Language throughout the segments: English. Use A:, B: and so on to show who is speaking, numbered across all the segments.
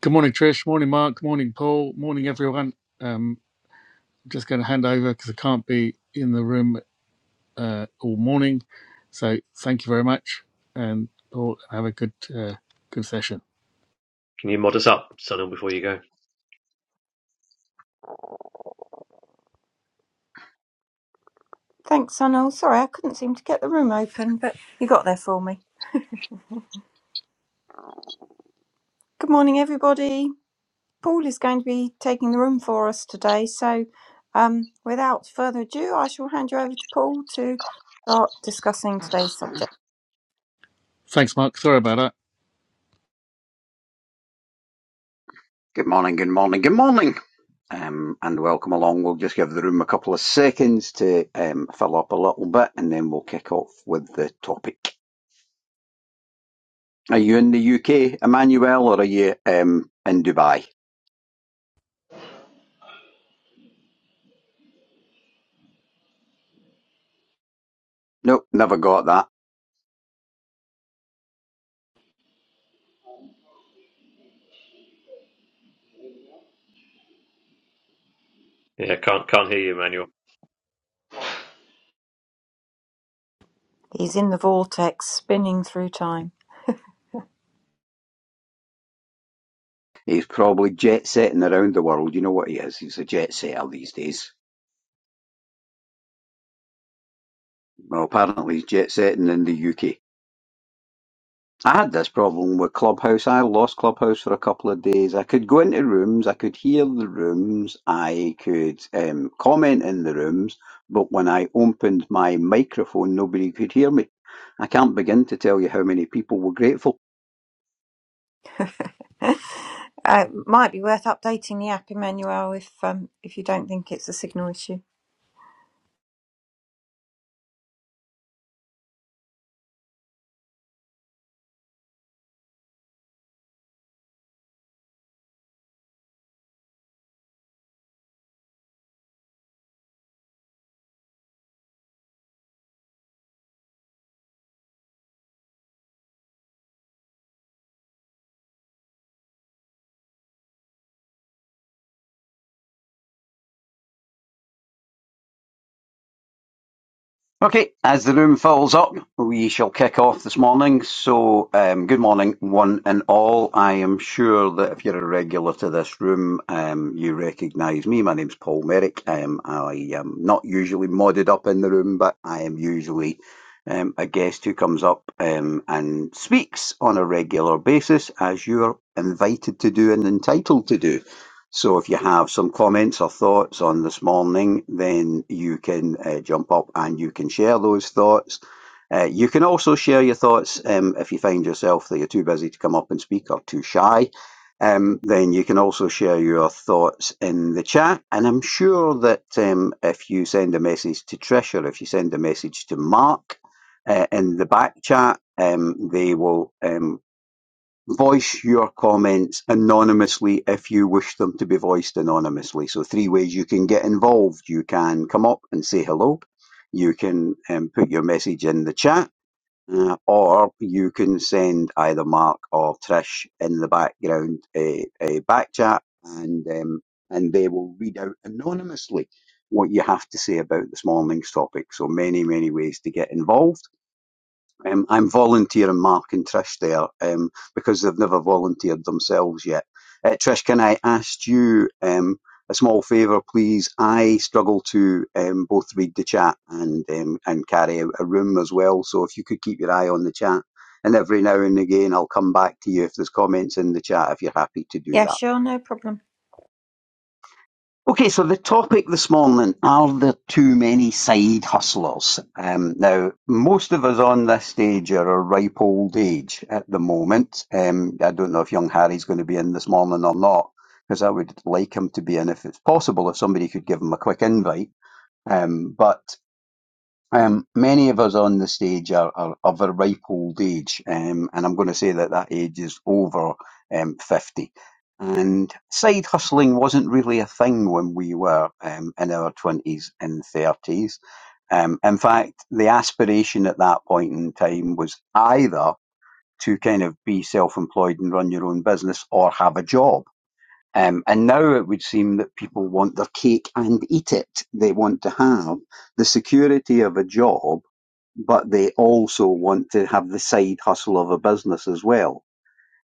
A: Good morning, Trish. Morning, Mark. Good Morning, Paul. Morning, everyone. Um, just going to hand over because I can't be in the room uh, all morning. So thank you very much, and Paul, have a good uh, good session.
B: Can you mod us up, Sunil, before you go?
C: Thanks, Sunil. Sorry, I couldn't seem to get the room open, but you got there for me. Good morning, everybody. Paul is going to be taking the room for us today, so um, without further ado, I shall hand you over to Paul to start discussing today's subject.
A: Thanks, Mark. Sorry about that.
D: Good morning, good morning, good morning, um, and welcome along. We'll just give the room a couple of seconds to um, fill up a little bit, and then we'll kick off with the topic. Are you in the UK, Emmanuel, or are you um, in Dubai? Nope, never got that.
B: Yeah, can't can't hear you, Emmanuel.
C: He's in the vortex, spinning through time.
D: He's probably jet setting around the world. You know what he is? He's a jet setter these days. Well, apparently he's jet setting in the UK. I had this problem with Clubhouse. I lost Clubhouse for a couple of days. I could go into rooms, I could hear the rooms, I could um, comment in the rooms, but when I opened my microphone, nobody could hear me. I can't begin to tell you how many people were grateful.
C: uh, might be worth updating the app, Emmanuel, if um, if you don't think it's a signal issue.
D: Okay, as the room fills up, we shall kick off this morning. So, um, good morning, one and all. I am sure that if you're a regular to this room, um, you recognise me. My name's Paul Merrick. Um, I am not usually modded up in the room, but I am usually um, a guest who comes up um, and speaks on a regular basis, as you're invited to do and entitled to do. So if you have some comments or thoughts on this morning, then you can uh, jump up and you can share those thoughts. Uh, you can also share your thoughts um, if you find yourself that you're too busy to come up and speak or too shy. Um, then you can also share your thoughts in the chat. And I'm sure that um, if you send a message to Trish or if you send a message to Mark uh, in the back chat, um, they will um, Voice your comments anonymously if you wish them to be voiced anonymously. So, three ways you can get involved. You can come up and say hello, you can um, put your message in the chat, uh, or you can send either Mark or Trish in the background a, a back chat, and, um, and they will read out anonymously what you have to say about this morning's topic. So, many, many ways to get involved. Um, I'm volunteering Mark and Trish there um, because they've never volunteered themselves yet. Uh, Trish, can I ask you um, a small favour, please? I struggle to um, both read the chat and um, and carry out a room as well. So if you could keep your eye on the chat, and every now and again I'll come back to you if there's comments in the chat if you're happy to do
C: Yeah,
D: that.
C: sure, no problem.
D: Okay, so the topic this morning are there too many side hustlers? Um, now, most of us on this stage are a ripe old age at the moment. Um, I don't know if young Harry's going to be in this morning or not, because I would like him to be in if it's possible, if somebody could give him a quick invite. Um, but um, many of us on the stage are, are of a ripe old age, um, and I'm going to say that that age is over um, 50. And side hustling wasn't really a thing when we were um, in our 20s and 30s. Um, in fact, the aspiration at that point in time was either to kind of be self employed and run your own business or have a job. Um, and now it would seem that people want their cake and eat it. They want to have the security of a job but they also want to have the side hustle of a business as well.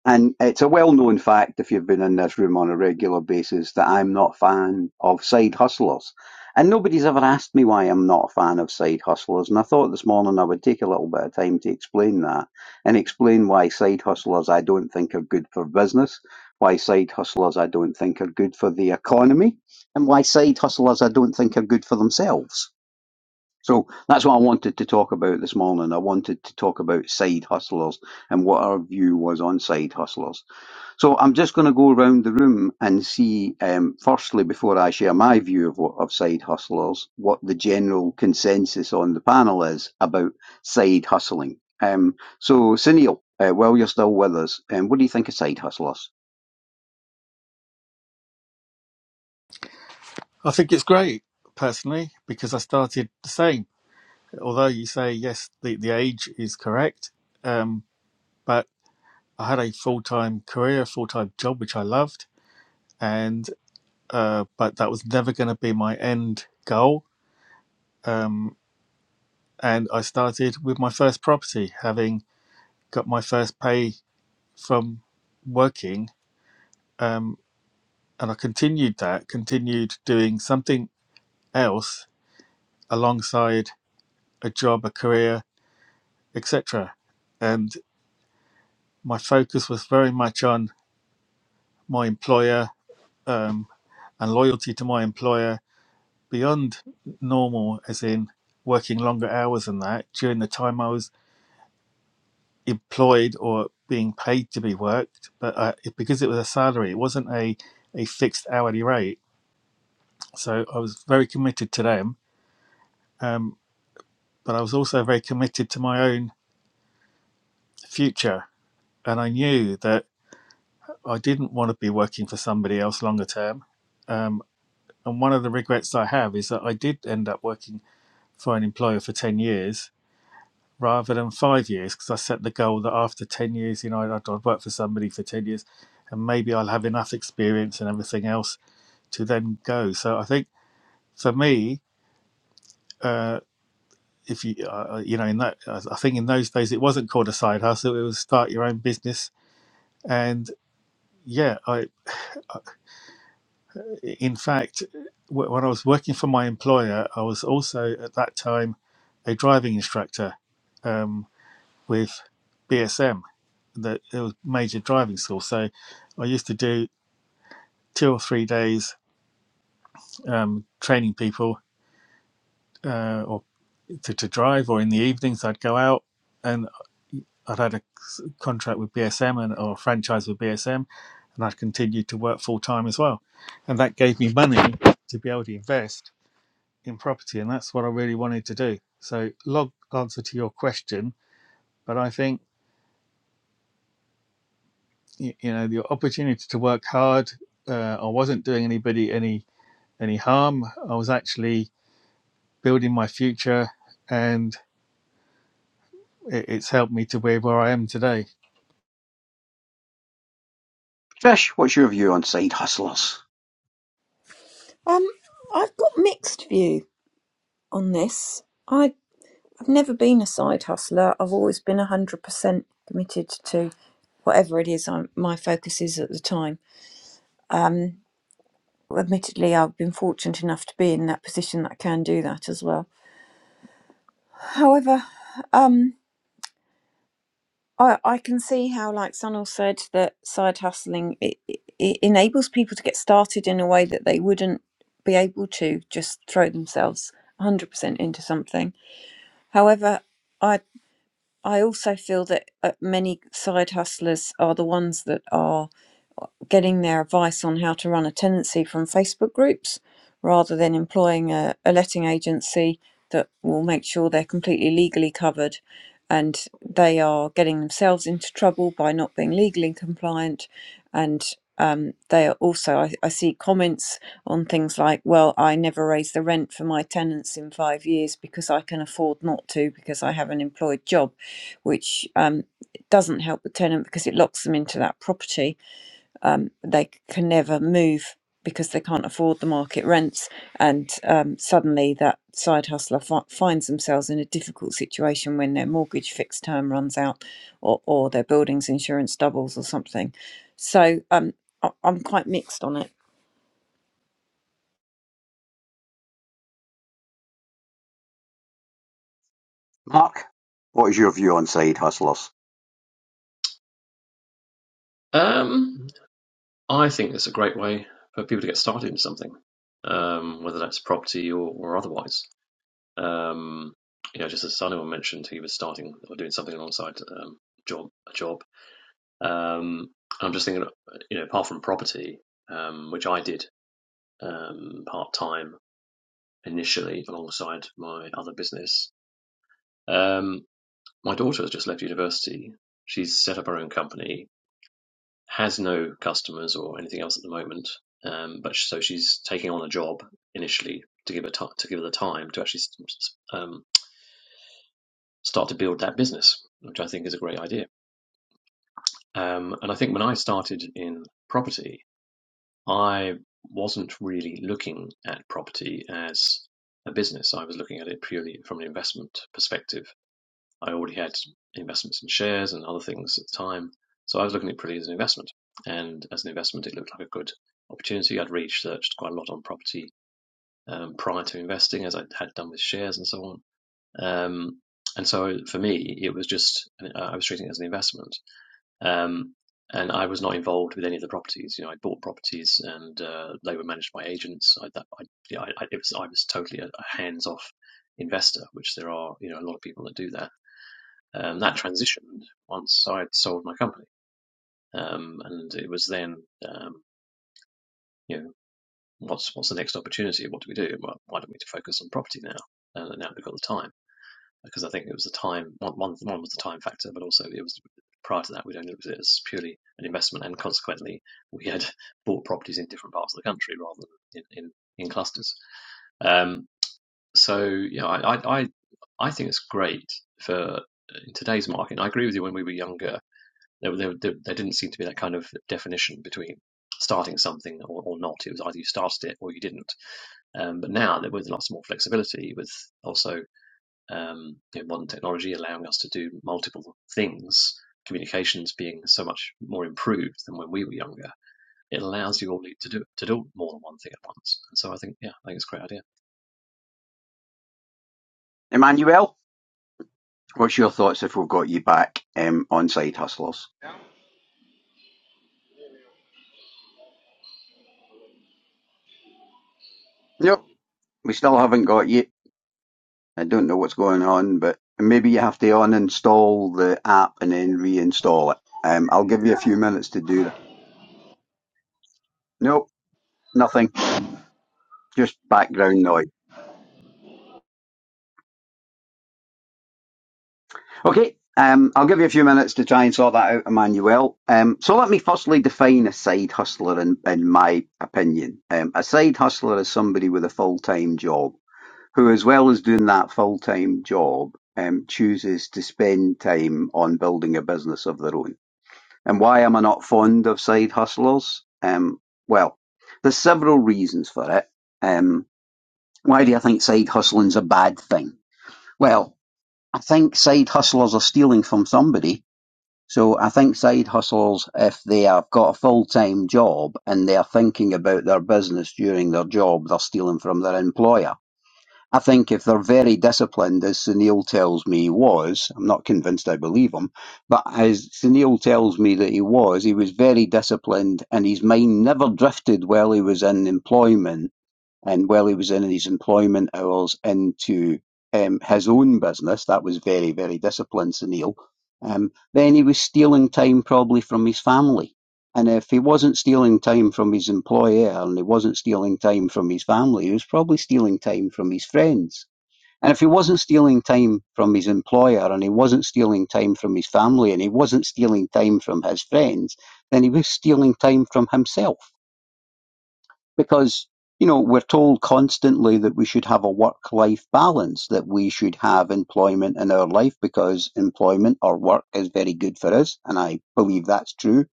D: And it's a well known fact, if you've been in this room on a regular basis, that I'm not a fan of side hustlers. And nobody's ever asked me why I'm not a fan of side hustlers. And I thought this morning I would take a little bit of time to explain that and explain why side hustlers I don't think are good for business, why side hustlers I don't think are good for the economy, and why side hustlers I don't think are good for themselves. So that's what I wanted to talk about this morning. I wanted to talk about side hustlers and what our view was on side hustlers. So I'm just going to go around the room and see, um, firstly, before I share my view of, what, of side hustlers, what the general consensus on the panel is about side hustling. Um, so, Sunil, uh, while you're still with us, um, what do you think of side hustlers?
A: I think it's great personally because I started the same. Although you say yes, the the age is correct, um, but I had a full time career, full time job which I loved, and uh, but that was never going to be my end goal. Um, and I started with my first property, having got my first pay from working, um, and I continued that, continued doing something else alongside a job, a career, etc. And my focus was very much on my employer um, and loyalty to my employer beyond normal, as in working longer hours than that during the time I was employed or being paid to be worked, but uh, it, because it was a salary, it wasn't a, a fixed hourly rate. So I was very committed to them, um, but I was also very committed to my own future. And I knew that I didn't want to be working for somebody else longer term. Um, and one of the regrets I have is that I did end up working for an employer for 10 years rather than five years because I set the goal that after 10 years, you know, I'd, I'd work for somebody for 10 years and maybe I'll have enough experience and everything else to then go. So I think for me, uh, if you, uh, uh, you know, in that, uh, I think in those days it wasn't called a side hustle, it was start your own business. And yeah, I, I in fact, wh- when I was working for my employer, I was also at that time a driving instructor um, with BSM that it was major driving school. So I used to do two or three days um, training people uh, or to, to drive, or in the evenings I'd go out and I'd had a contract with BSM and or a franchise with BSM, and I'd continued to work full time as well, and that gave me money to be able to invest in property, and that's what I really wanted to do. So, long answer to your question, but I think you know the opportunity to work hard. Uh, I wasn't doing anybody any any harm. I was actually building my future, and it, it's helped me to where, where I am today.
D: Trish, what's your view on side hustlers?
C: Um, I've got mixed view on this. I. I've never been a side hustler. I've always been 100% committed to whatever it is I'm, my focus is at the time. Admittedly, I've been fortunate enough to be in that position that I can do that as well. However, um, I, I can see how, like Sunil said, that side hustling it, it, it enables people to get started in a way that they wouldn't be able to just throw themselves 100% into something. However, I. I also feel that uh, many side hustlers are the ones that are getting their advice on how to run a tenancy from Facebook groups rather than employing a, a letting agency that will make sure they're completely legally covered and they are getting themselves into trouble by not being legally compliant and um, they are also I, I see comments on things like well i never raise the rent for my tenants in five years because i can afford not to because i have an employed job which um, doesn't help the tenant because it locks them into that property um, they can never move because they can't afford the market rents, and um, suddenly that side hustler fi- finds themselves in a difficult situation when their mortgage fixed term runs out, or, or their building's insurance doubles or something. So um, I- I'm quite mixed on it.
D: Mark, what is your view on side hustlers?
B: Um, I think it's a great way for people to get started in something, um, whether that's property or, or otherwise. Um, you know, just as Simon mentioned, he was starting or doing something alongside um, job a job. Um, I'm just thinking, you know, apart from property, um, which I did um, part time initially alongside my other business. Um, my daughter has just left university. She's set up her own company has no customers or anything else at the moment. Um, but so she's taking on a job initially to give her ti to give her the time to actually um, start to build that business, which I think is a great idea. Um, and I think when I started in property, I wasn't really looking at property as a business. I was looking at it purely from an investment perspective I already had investments in shares and other things at the time. So I was looking at it pretty as an investment. And as an investment, it looked like a good opportunity. I'd researched quite a lot on property um, prior to investing, as I had done with shares and so on. Um, and so for me, it was just, uh, I was treating it as an investment. Um, and I was not involved with any of the properties. You know, I bought properties and uh, they were managed by agents. I, that, I, yeah, I, it was, I was totally a, a hands off investor, which there are, you know, a lot of people that do that um, that transitioned once I'd sold my company, um, and it was then, um, you know, what's what's the next opportunity? What do we do? Well, why don't we focus on property now? Uh, now we've got the time because I think it was the time. One, one, one was the time factor, but also it was prior to that we'd only looked at it as purely an investment, and consequently we had bought properties in different parts of the country rather than in in, in clusters. Um, so you know, I I I think it's great for uh, in today's market. And I agree with you when we were younger. There, there, there, didn't seem to be that kind of definition between starting something or, or not. It was either you started it or you didn't. Um, but now, that with lots more flexibility, with also um, you know, modern technology allowing us to do multiple things, communications being so much more improved than when we were younger, it allows you all to do to do more than one thing at once. And so I think, yeah, I think it's a great idea.
D: Emmanuel? What's your thoughts if we've got you back um, on Side Hustlers? Nope, We still haven't got you. I don't know what's going on, but maybe you have to uninstall the app and then reinstall it. Um, I'll give you a few minutes to do that. Nope, nothing. Just background noise. Okay, um, I'll give you a few minutes to try and sort that out, Emmanuel. Um, so let me firstly define a side hustler in, in my opinion. Um, a side hustler is somebody with a full-time job. who as well as doing that full-time job um, chooses to spend time on building a business of their own. And why am I not fond of side hustlers? Um, well, there's several reasons for it. Um, why do I think side hustling's a bad thing? Well, I think side hustlers are stealing from somebody. So I think side hustlers, if they have got a full-time job and they're thinking about their business during their job, they're stealing from their employer. I think if they're very disciplined, as Sunil tells me he was, I'm not convinced I believe him, but as Sunil tells me that he was, he was very disciplined and his mind never drifted while he was in employment and while he was in his employment hours into um, his own business, that was very, very disciplined, Sunil. Um, then he was stealing time probably from his family. And if he wasn't stealing time from his employer and he wasn't stealing time from his family, he was probably stealing time from his friends. And if he wasn't stealing time from his employer and he wasn't stealing time from his family and he wasn't stealing time from his friends, then he was stealing time from himself because you know we're told constantly that we should have a work life balance that we should have employment in our life because employment or work is very good for us and i believe that's true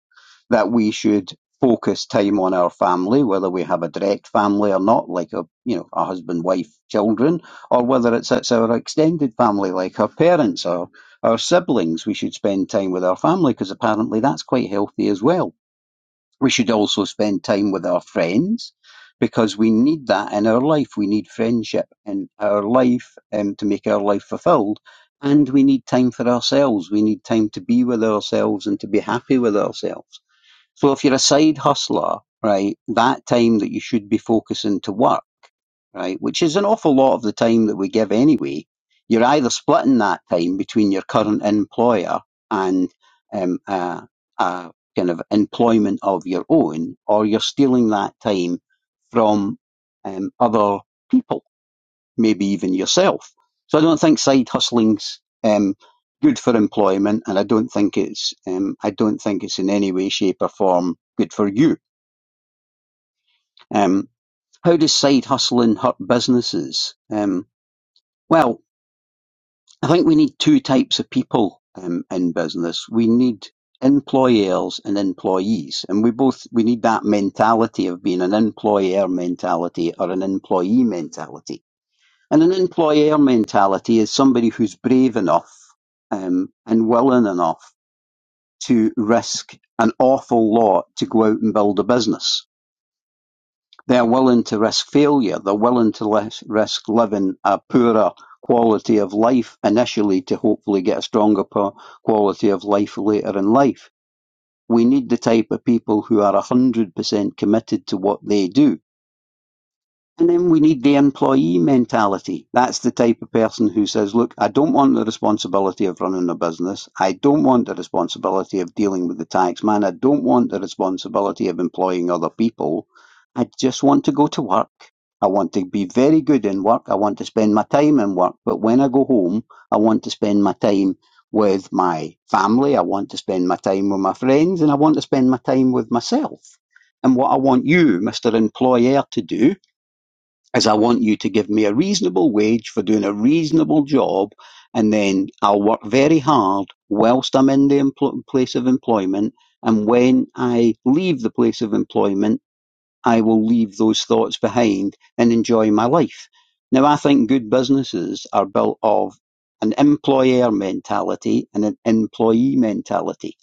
D: that we should focus time on our family whether we have a direct family or not like a you know a husband wife children or whether it's it's our extended family like our parents or our siblings we should spend time with our family because apparently that's quite healthy as well we should also spend time with our friends because we need that in our life. We need friendship in our life um, to make our life fulfilled. And we need time for ourselves. We need time to be with ourselves and to be happy with ourselves. So if you're a side hustler, right, that time that you should be focusing to work right? Which is an awful lot of the time that we give anyway. You're either splitting that time between your current employer and um, a, a kind of employment of your own, or you're stealing that time from um, other people, maybe even yourself. So I don't think side hustling's um, good for employment, and I don't think it's um, I don't think it's in any way, shape, or form good for you. Um, how does side hustling hurt businesses? Um, well, I think we need two types of people um, in business. We need employers and employees, and we both we need that mentality of being an employer mentality or an employee mentality. And an employer mentality is somebody who's brave enough um, and willing enough to risk an awful lot to go out and build a business they're willing to risk failure. They're willing to les- risk living a poorer quality of life initially to hopefully get a stronger quality of life later in life. We need the type of people who are 100% committed to what they do. And then we need the employee mentality. That's the type of person who says, look, I don't want the responsibility of running a business. I don't want the responsibility of dealing with the tax man. I don't want the responsibility of employing other people. I just want to go to work. I want to be very good in work. I want to spend my time in work. But when I go home, I want to spend my time with my family. I want to spend my time with my friends and I want to spend my time with myself. And what I want you, Mr. Employer, to do is I want you to give me a reasonable wage for doing a reasonable job, and then I'll work very hard whilst I'm in the empl- place of employment. And when I leave the place of employment, I will leave those thoughts behind and enjoy my life. Now, I think good businesses are built of an employer mentality and an employee mentality.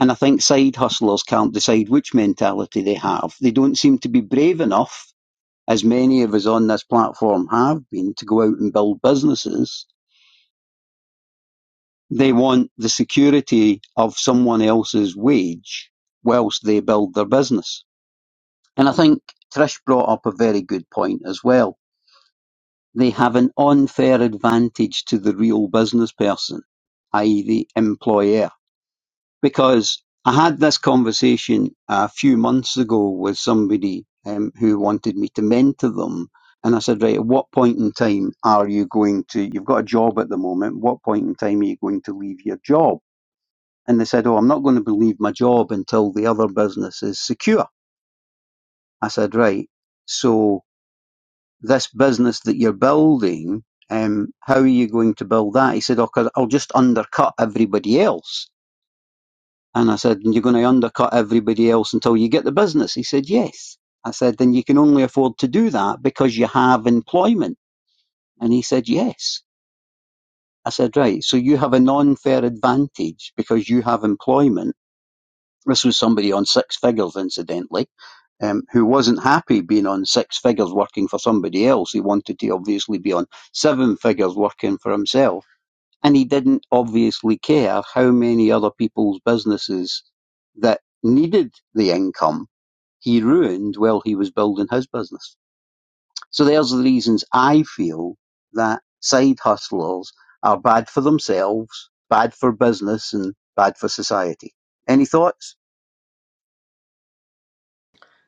D: And I think side hustlers can't decide which mentality they have. They don't seem to be brave enough as many of us on this platform have been, to go out and build businesses, they want the security of someone else's wage whilst they build their business. And I think Trish brought up a very good point as well. They have an unfair advantage to the real business person, i.e. the employer. because I had this conversation a few months ago with somebody um, who wanted me to mentor them. And I said, right, at what point in time are you going to, you've got a job at the moment, what point in time are you going to leave your job? And they said, oh, I'm not going to leave my job until the other business is secure. I said, right, so this business that you're building, um, how are you going to build that? He said, oh, 'cause I'll just undercut everybody else And I said, and you're going to undercut everybody else until you get the business. He said, yes. I said, then you can only afford to do that because you have employment. And he said, yes. I said, right. So you have an unfair advantage because you have employment. This was somebody on six figures, incidentally, um, who wasn't happy being on six figures working for somebody else. He wanted to obviously be on seven figures working for himself. And he didn't obviously care how many other people's businesses that needed the income he ruined while he was building his business. So there's the reasons I feel that side hustlers are bad for themselves, bad for business, and bad for society. Any thoughts?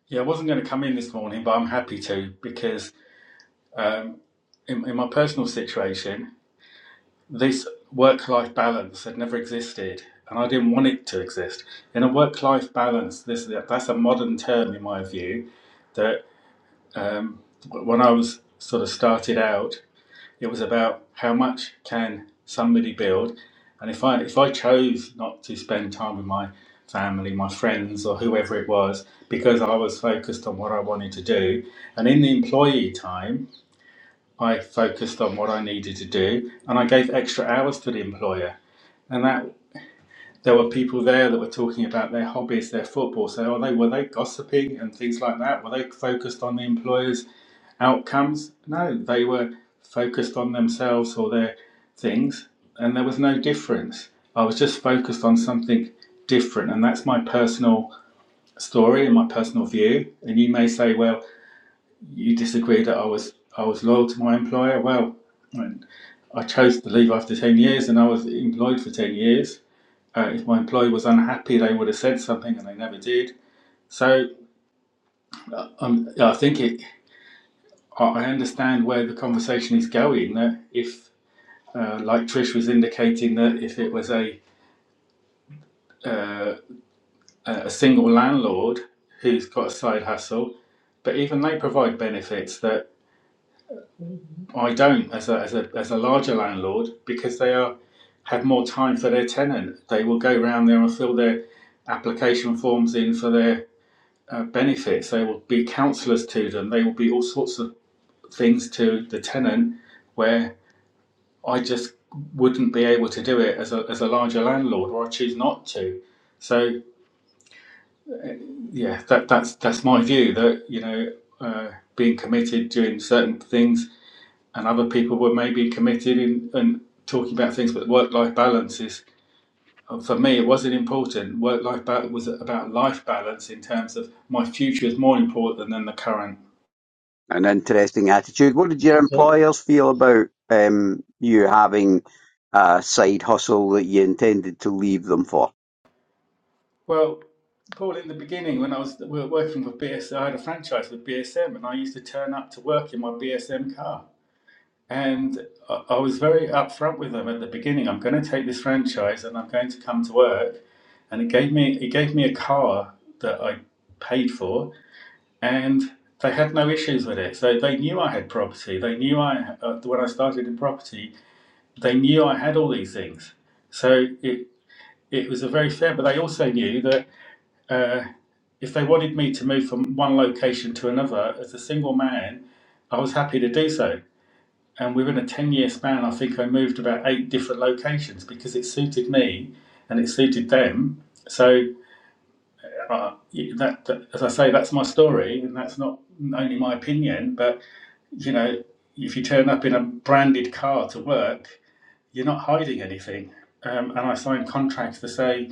A: Yeah, I wasn't going to come in this morning, but I'm happy to because um, in, in my personal situation, this work life balance had never existed and I didn't want it to exist. In a work life balance, this that's a modern term in my view that um, when I was sort of started out, It was about how much can somebody build, and if I if I chose not to spend time with my family, my friends, or whoever it was, because I was focused on what I wanted to do, and in the employee time, I focused on what I needed to do, and I gave extra hours to the employer. And that there were people there that were talking about their hobbies, their football. So, oh, they were they gossiping and things like that? Were they focused on the employers? outcomes. No, they were focused on themselves or their things, and there was no difference. I was just focused on something different, and that's my personal story and my personal view. And you may say, "Well, you disagree that I was I was loyal to my employer." Well, I chose to leave after ten years, and I was employed for ten years. Uh, if my employer was unhappy, they would have said something, and they never did. So um, I think it. I understand where the conversation is going. That if Uh, like Trish was indicating that if it was a uh, a single landlord who's got a side hustle, but even they provide benefits that I don't as a as a as a larger landlord because they are have more time for their tenant. They will go round there and fill their application forms in for their uh, benefits. They will be counsellors to them. They will be all sorts of things to the tenant where I just wouldn't be able to do it as a, as a larger landlord, or I choose not to. So yeah, that, that's that's my view that you know uh, being committed doing certain things, and other people were maybe committed in, and talking about things, but work life balance is uh, for me it wasn't important. Work life balance was about life balance in terms of my future is more important than the current.
D: An interesting attitude. What did your
E: So,
D: employers feel about um, you having a side hustle that you intended to leave them for?
A: Well, Paul, in the beginning, when I was we were working for BS, I had a franchise with BSM, and I used to turn up to work in my BSM car. And I was very upfront with them at the beginning. I'm going to take this franchise and I'm going to come to work. And it gave me it gave me a car that I paid for, and they had no issues with it. So they knew I had property. They knew I uh, when I started in property, they knew I had all these things. So it it was a very fair. But they also knew that uh, if they wanted me to move from one location to another as a single man, I was happy to do so and within a 10 year span i think i moved about eight different locations because it suited me and it suited them so uh, that, that as i say that's my story and that's not only my opinion but you know if you turn up in a branded car to work you're not hiding anything um, and i signed contracts to say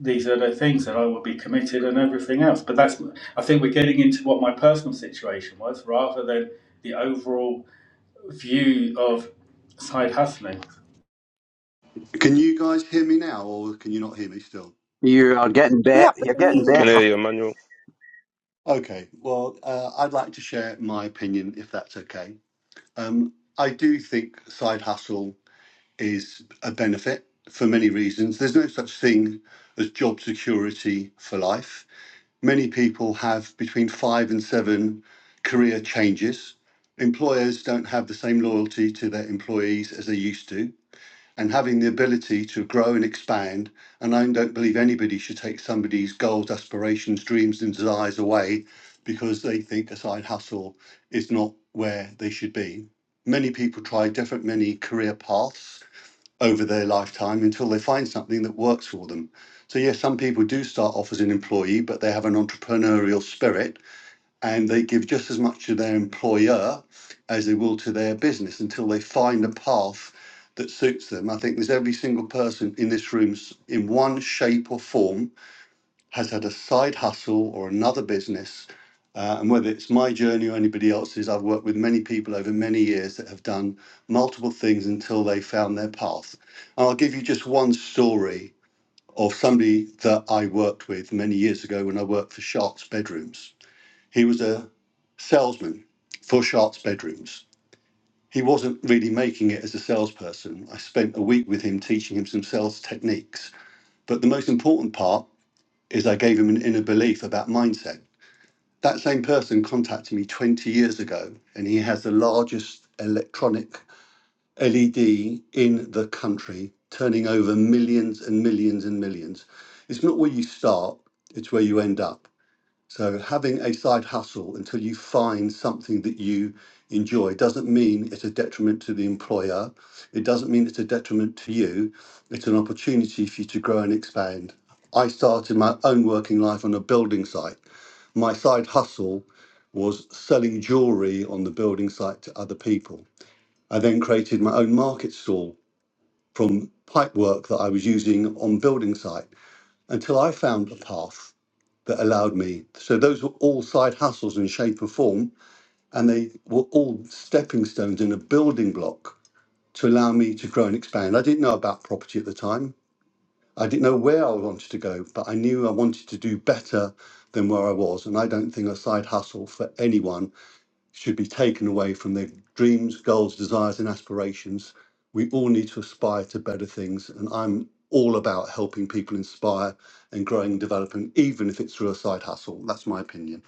A: these are the things that i will be committed and everything else but that's i think we're getting into what my personal situation was rather than the overall view of side hustling
E: Can you guys hear me now, or can you not hear me still?
D: You are getting better.
C: Yeah. we
D: You're
C: can
D: getting
C: hear
F: Can
C: you.
D: better
F: hear you, Emmanuel.
E: Okay, well, uh, I'd like to share my opinion if that's okay. Um, I do think side hustle is a benefit for many reasons. There's no such thing as job security for life. Many people have between five and seven career changes. Employers don't have the same loyalty to their employees as they used to and having the ability to grow and expand. And I don't believe anybody should take somebody's goals, aspirations, dreams, and desires away because they think a side hustle is not where they should be. Many people try different, many career paths over their lifetime until they find something that works for them. So, yes, some people do start off as an employee, but they have an entrepreneurial spirit and they give just as much to their employer as they will to their business until they find a path that suits them. I think there's every single person in this room, in one shape or form, has had a side hustle or another business. Uh, and whether it's my journey or anybody else's, I've worked with many people over many years that have done multiple things until they found their path. And I'll give you just one story of somebody that I worked with many years ago when I worked for Sharks Bedrooms he was a salesman for Sharp's Bedrooms. He wasn't really making it as a salesperson. I spent a week with him teaching him some sales techniques. But the most important part is I gave him an inner belief about mindset. That same person contacted me 20 years ago, and he has the largest electronic LED in the country, turning over millions and millions and millions. It's not where you start, it's where you end up. So having a side hustle until you find something that you enjoy doesn't mean it's a detriment to the employer. It doesn't mean it's a detriment to you. It's an opportunity for you to grow and expand. I started my own working life on a building site. My side hustle was selling jewelry on the building site to other people. I then created my own market stall from pipe work that I was using on building site until I found a path that allowed me. So those were all side hustles in shape or form, and they were all stepping stones and a building block to allow me to grow and expand. I didn't know about property at the time. I didn't know where I wanted to go, but I knew I wanted to do better than where I was. And I don't think a side hustle for anyone should be taken away from their dreams, goals, desires, and aspirations. We all need to aspire to better things. And I'm all about helping people inspire and growing and developing, even if it's through a side hustle. That's my opinion.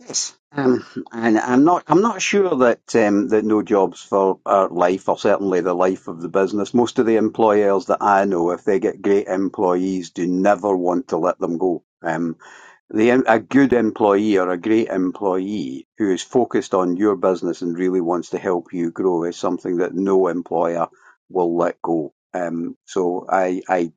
D: Yes. Um, and I'm not. I'm not sure that um, that no jobs for our life, or certainly the life of the business. Most of the employers that I know, if they get great employees, do never want to let them go. Um, the, A good employee or a great employee who is focused on your business and really wants to help you grow is something that no employer will let go. Um, so I, I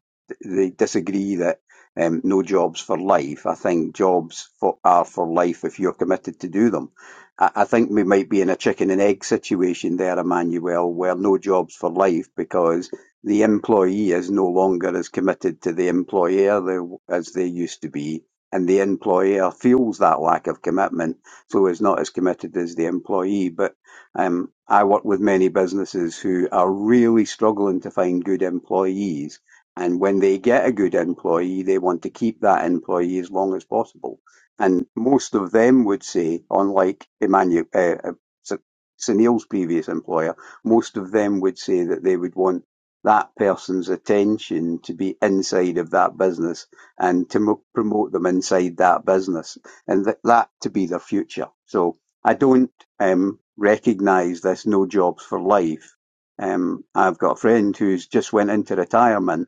D: they disagree that um, no jobs for life. I think jobs for, are for life if you're committed to do them. I, I think we might be in a chicken and egg situation there, Emmanuel, where no jobs for life because the employee is no longer as committed to the employer as they used to be and the employer feels that lack of commitment, so is not as committed as the employee. But um, I work with many businesses who are really struggling to find good employees, and when they get a good employee, they want to keep that employee as long as possible. And most of them would say, unlike Emmanuel. Uh, uh, S- Sunil's previous employer, most of them would say that they would want that person's attention to be inside of that business and to mo promote them inside that business and th- that to be their future. So I don't um, recognise this no jobs for life. Um, I've got a friend who's just went into retirement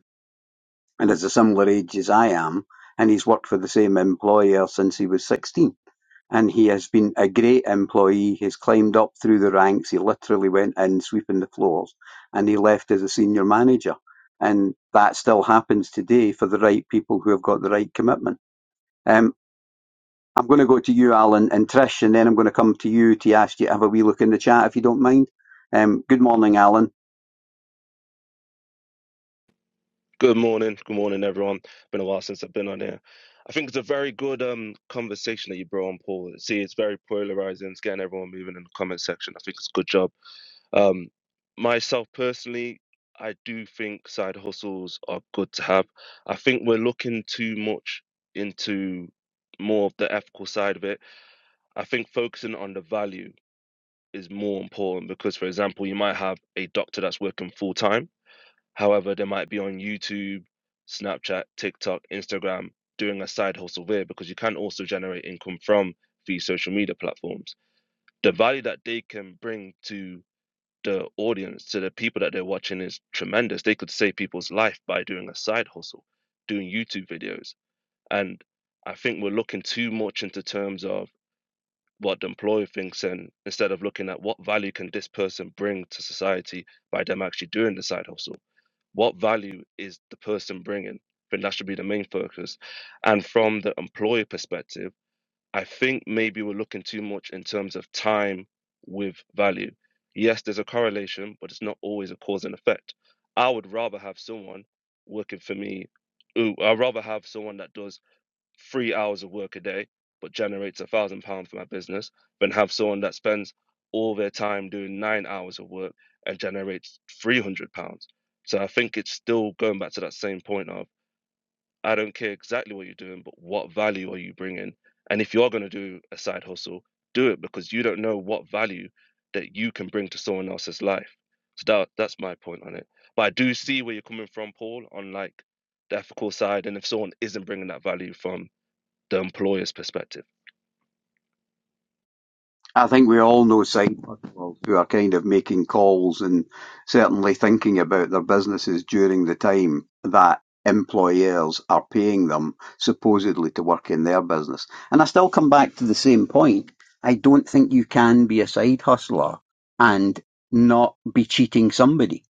D: and is a similar age as I am, and he's worked for the same employer since he was 16. And he has been a great employee. He's climbed up through the ranks. He literally went in sweeping the floors and he left as a senior manager. And that still happens today for the right people who have got the right commitment. Um, I'm going to go to you, Alan, and Trish, and then I'm going to come to you to ask you to have a wee look in the chat if you don't mind. Um, good morning, Alan.
F: Good morning. Good morning, everyone. Been a while since I've been on here. I think it's a very good um conversation that you brought on, Paul. See, it's very polarizing. It's getting everyone moving in the comment section. I think it's a good job. Um, myself personally, I do think side hustles are good to have. I think we're looking too much into more of the ethical side of it. I think focusing on the value is more important because, for example, you might have a doctor that's working full time However, they might be on YouTube, Snapchat, TikTok, Instagram, doing a side hustle there because you can also generate income from these social media platforms. The value that they can bring to the audience, to the people that they're watching, is tremendous. They could save people's life by doing a side hustle, doing YouTube videos. And I think we're looking too much into terms of what the employer thinks and instead of looking at what value can this person bring to society by them actually doing the side hustle what value is the person bringing i think that should be the main focus and from the employer perspective i think maybe we're looking too much in terms of time with value yes there's a correlation but it's not always a cause and effect i would rather have someone working for me Ooh, i'd rather have someone that does three hours of work a day but generates a thousand pounds for my business than have someone that spends all their time doing nine hours of work and generates 300 pounds so i think it's still going back to that same point of i don't care exactly what you're doing but what value are you bringing and if you're going to do a side hustle do it because you don't know what value that you can bring to someone else's life so that, that's my point on it but i do see where you're coming from paul on like the ethical side and if someone isn't bringing that value from the employer's perspective
D: I think we all know site workers who are kind of making calls and certainly thinking about their businesses during the time that employers are paying them supposedly to work in their business. And I still come back to the same point. I don't think you can be a side hustler and not be cheating somebody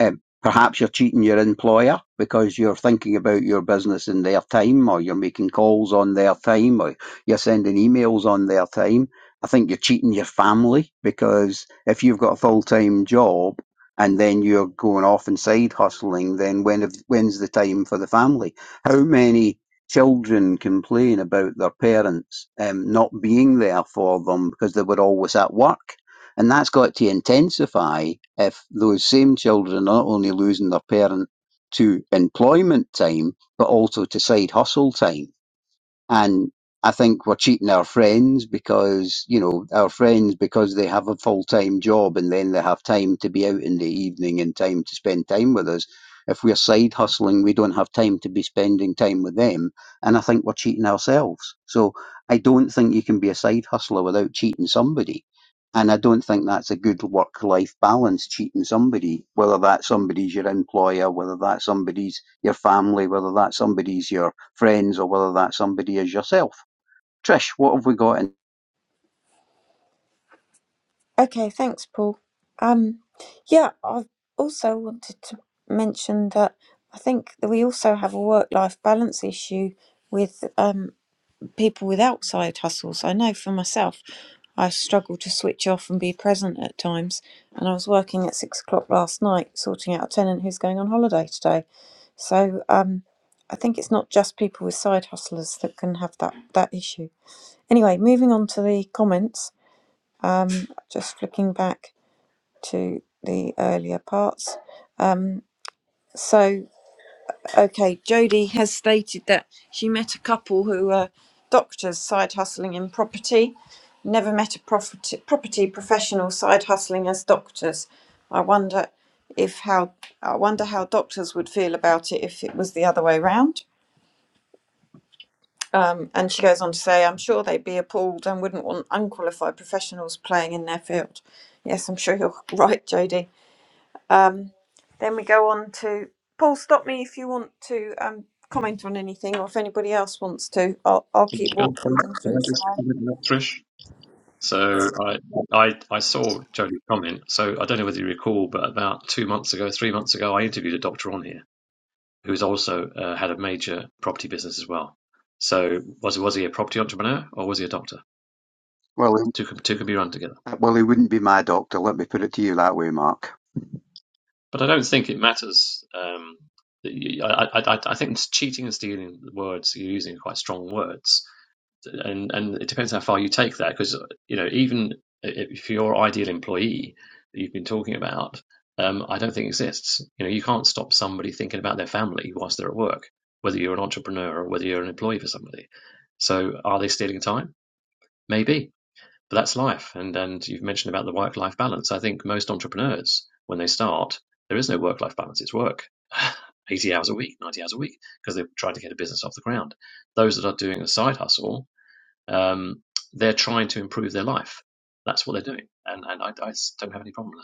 D: um, perhaps you're cheating your employer because you're thinking about your business in their time or you're making calls on their time or you're sending emails on their time. I think you're cheating your family because if you've got a full-time job and then you're going off and side hustling, then when have- when's the time for the family? How many children complain about their parents um, not being there for them because they were always at work? And that's got to intensify if those same children are not only losing their parent to employment time, but also to side hustle time. And I think we're cheating our friends because, you know, our friends, because they have a full time job and then they have time to be out in the evening and time to spend time with us. If we're side hustling, we don't have time to be spending time with them. And I think we're cheating ourselves. So I don't think you can be a side hustler without cheating somebody. And I don't think that's a good work life balance, cheating somebody, whether that somebody's your employer, whether that somebody's your family, whether that somebody's your friends or whether that somebody is yourself. Trish, what have we got in?
C: Okay, thanks, Paul. Um, yeah, I also wanted to mention that I think that we also have a work-life balance issue with um, people with outside hustles. I know for myself, I struggle to switch off and be present at times. And I was working at six o'clock last night, sorting out a tenant who's going on holiday today. So um, I think it's not just people with side hustlers that can have that, that issue. Anyway, moving on to the comments, um, just flicking back to the earlier parts. So. Okay, Jodie has stated that she met a couple who were doctors side hustling in property. Never met a property, property professional side hustling as doctors. I wonder if how I wonder how doctors would feel about it if it was the other way round. Um, and she goes on to say, I'm sure they'd be appalled and wouldn't want unqualified professionals playing in their field. Yes, I'm sure you're right, Jodie. Um, then we go on to Paul. Stop me if you want to um, comment on anything, or if anybody else wants to. I'll, I'll keep
B: can,
C: walking
B: I-
C: them
B: can I
C: through. So
B: just
C: I'll-
B: comment on that, Trish? So I, I I saw Jody's comment. So I don't know whether you recall, but about two months ago, three months ago, I interviewed a doctor on here who's also uh, had a major property business as well. So was was he a property entrepreneur or was he a doctor?
D: Well,
B: Two can two can be run together.
D: he, well, he wouldn't be my doctor. Let me put it to you that way, Mark.
B: But I don't think it matters. Um, that you- I, I I I think cheating and stealing words you're using are quite strong words and and it depends how far you take that because you know even i- if your ideal employee that you've been talking about um, i don't think exists you know you can't stop somebody thinking about their family whilst they're at work whether you're an entrepreneur or whether you're an employee for somebody so are they stealing time maybe but that's life and and you've mentioned about the work life balance i think most entrepreneurs when they start there is no work life balance it's work 80 hours a week 90 hours a week because they're trying to get a business off the ground those that are doing a side hustle um, they're trying to improve their life. That's what they're doing, and and I I s- don't have any problem with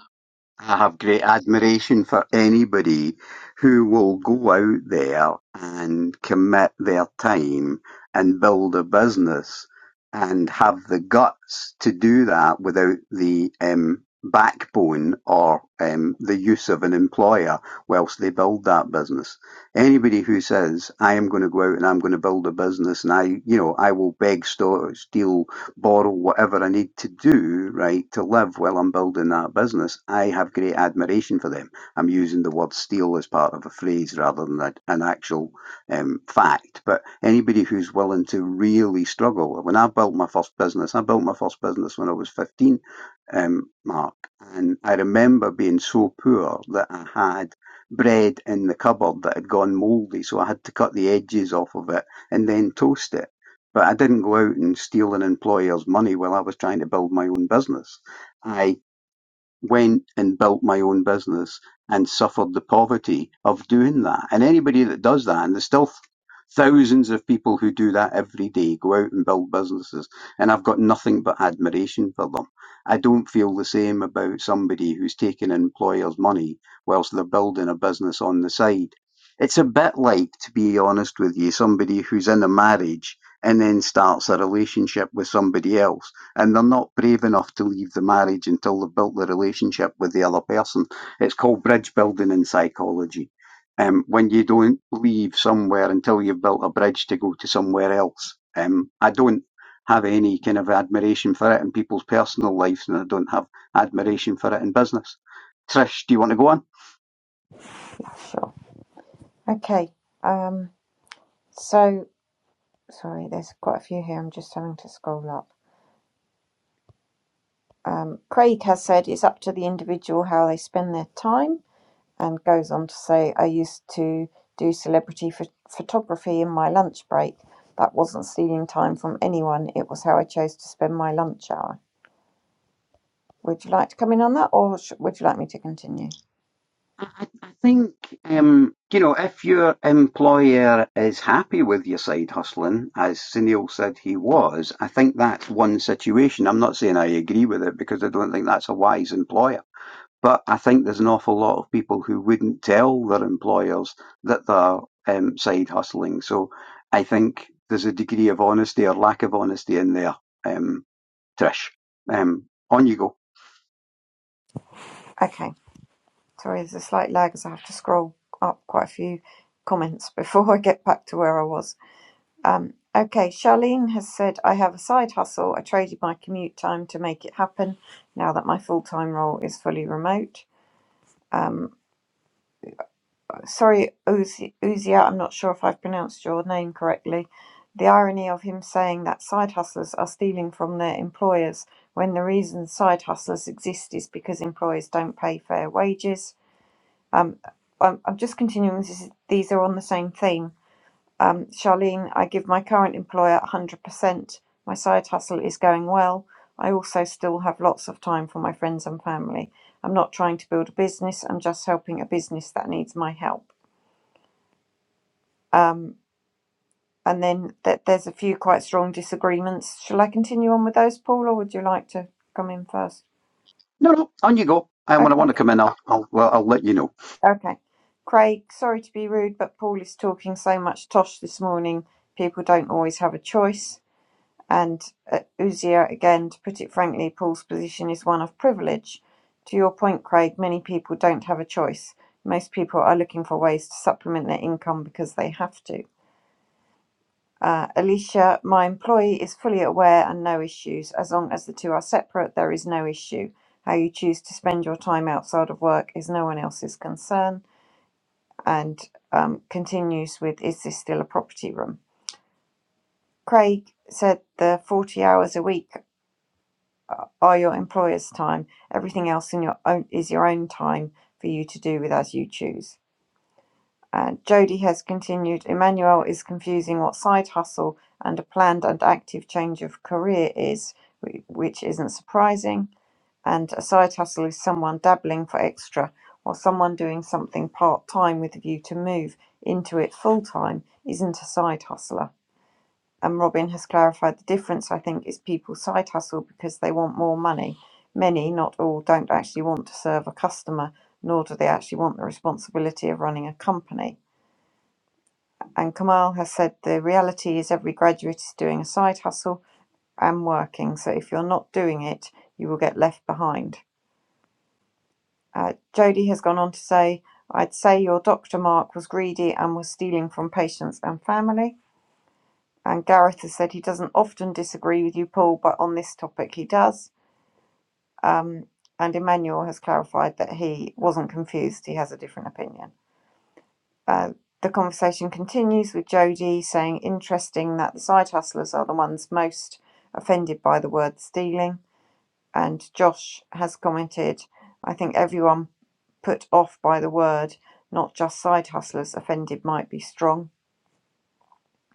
D: I have great admiration for anybody who will go out there and commit their time and build a business and have the guts to do that without the um, backbone or um, the use of an employer whilst they build that business. Anybody who says, I am going to go out and I'm going to build a business and I, you know, I will beg, store, steal, borrow whatever I need to do, right, to live while I'm building that business, I have great admiration for them. I'm using the word steal as part of a phrase rather than a, an actual um, fact. But anybody who's willing to really struggle, when I built my first business, I built my first business when I was 15, um, Mark, and I remember being so poor that I had bread in the cupboard that had gone mouldy, so I had to cut the edges off of it and then toast it but I didn't go out and steal an employer's money while I was trying to build my own business. I went and built my own business and suffered the poverty of doing that. And anybody that does that, and there's still thousands of people who do that every day, go out and build businesses, and I've got nothing but admiration for them. I don't feel the same about somebody who's taking an employer's money whilst they're building a business on the side. It's a bit like, to be honest with you, somebody who's in a marriage and then starts a relationship with somebody else and they're not brave enough to leave the marriage until they've built the relationship with the other person. It's called bridge building in psychology. Um, when you don't leave somewhere until you've built a bridge to go to somewhere else. Um, I don't have any kind of admiration for it in people's personal lives, and I don't have admiration for it in business. Trish, do you want to go on?
C: Sure. Okay. Um, so, sorry, there's quite a few here. I'm just having to scroll up. Um, Craig has said it's up to the individual how they spend their time and goes on to say, I used to do celebrity ph- photography in my lunch break. That wasn't stealing time from anyone, it was how I chose to spend my lunch hour. Would you like to come in on that, or sh- would you like me to continue?
D: I, I I think um, you know if your employer is happy with your side hustling, as Sunil said he was. I think that's one situation. I'm not saying I agree with it because I don't think that's a wise employer. But I think there's an awful lot of people who wouldn't tell their employers that they're um, side hustling. So I think there's a degree of honesty or lack of honesty in there, um, Trish. Um, on you go.
C: Okay. Sorry, there's a slight lag as I have to scroll up quite a few comments before I get back to where I was. Um, okay, Charlene has said, I have a side hustle. I traded my commute time to make it happen now that my full time role is fully remote. sorry, Uzi- Uzia, I'm not sure if I've pronounced your name correctly. The irony of him saying that side hustlers are stealing from their employers when the reason side hustlers exist is because employers don't pay fair wages. Um, I'm, I'm just continuing, this is, these are on the same theme. Um, Charlene, I give my current employer 100%. My side hustle is going well. I also still have lots of time for my friends and family. I'm not trying to build a business, I'm just helping a business that needs my help. Um, And then that there's a few quite strong disagreements. Shall I continue on with those, Paul, or would you like to come in first?
D: No, no, on you go. And when I want
C: Okay,
D: to come in, I'll, I'll, well, I'll let you know.
C: okay. Craig, sorry to be rude, but Paul is talking so much tosh this morning. People don't always have a choice. And uh, Uzia, again, to put it frankly, Paul's position is one of privilege. To your point, Craig, many people don't have a choice. Most people are looking for ways to supplement their income because they have to. Uh, Alicia, my employee is fully aware and no issues. As long as the two are separate, there is no issue. How you choose to spend your time outside of work is no one else's concern. And um, continues with, is this still a property room? Craig said the 40 hours a week are your employer's time. Everything else in your own is your own time for you to do with as you choose. Uh, Jody has continued, Emmanuel is confusing what side hustle and a planned and active change of career is, whi- which isn't surprising. And a side hustle is someone dabbling for extra or someone doing something part time with a view to move into it full time isn't a side hustler. And Robin has clarified the difference, I think, is people side hustle because they want more money. Many, not all, don't actually want to serve a customer, nor do they actually want the responsibility of running a company and Kamal has said the reality is every graduate is doing a side hustle and working. So if you're not doing it, you will get left behind. Uh, Jody has gone on to say, I'd say your doctor Mark was greedy and was stealing from patients and family. And Gareth has said he doesn't often disagree with you, Paul, but on this topic he does. Um, and Emmanuel has clarified that he wasn't confused, he has a different opinion. Uh, the conversation continues with Jody saying, interesting that the side hustlers are the ones most offended by the word stealing. And Josh has commented, I think everyone put off by the word, not just side hustlers, offended might be strong.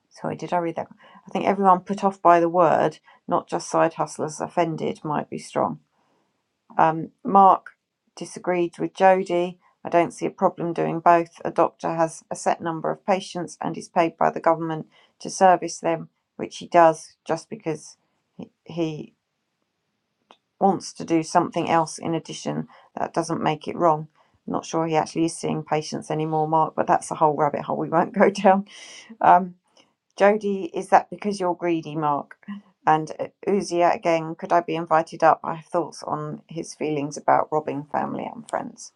C: Sorry, did I read that? I think everyone put off by the word, not just side hustlers, offended might be strong. Um, Mark disagreed with Jody. I don't see a problem doing both. A doctor has a set number of patients and is paid by the government to service them, which he does just because he he wants to do something else in addition. That doesn't make it wrong. I'm not sure he actually is seeing patients anymore, Mark, but that's a whole rabbit hole we won't go down. Um, Jody, is that because you're greedy, Mark? And uh, Uzia again, could I be invited up? I have thoughts on his feelings about robbing family and friends.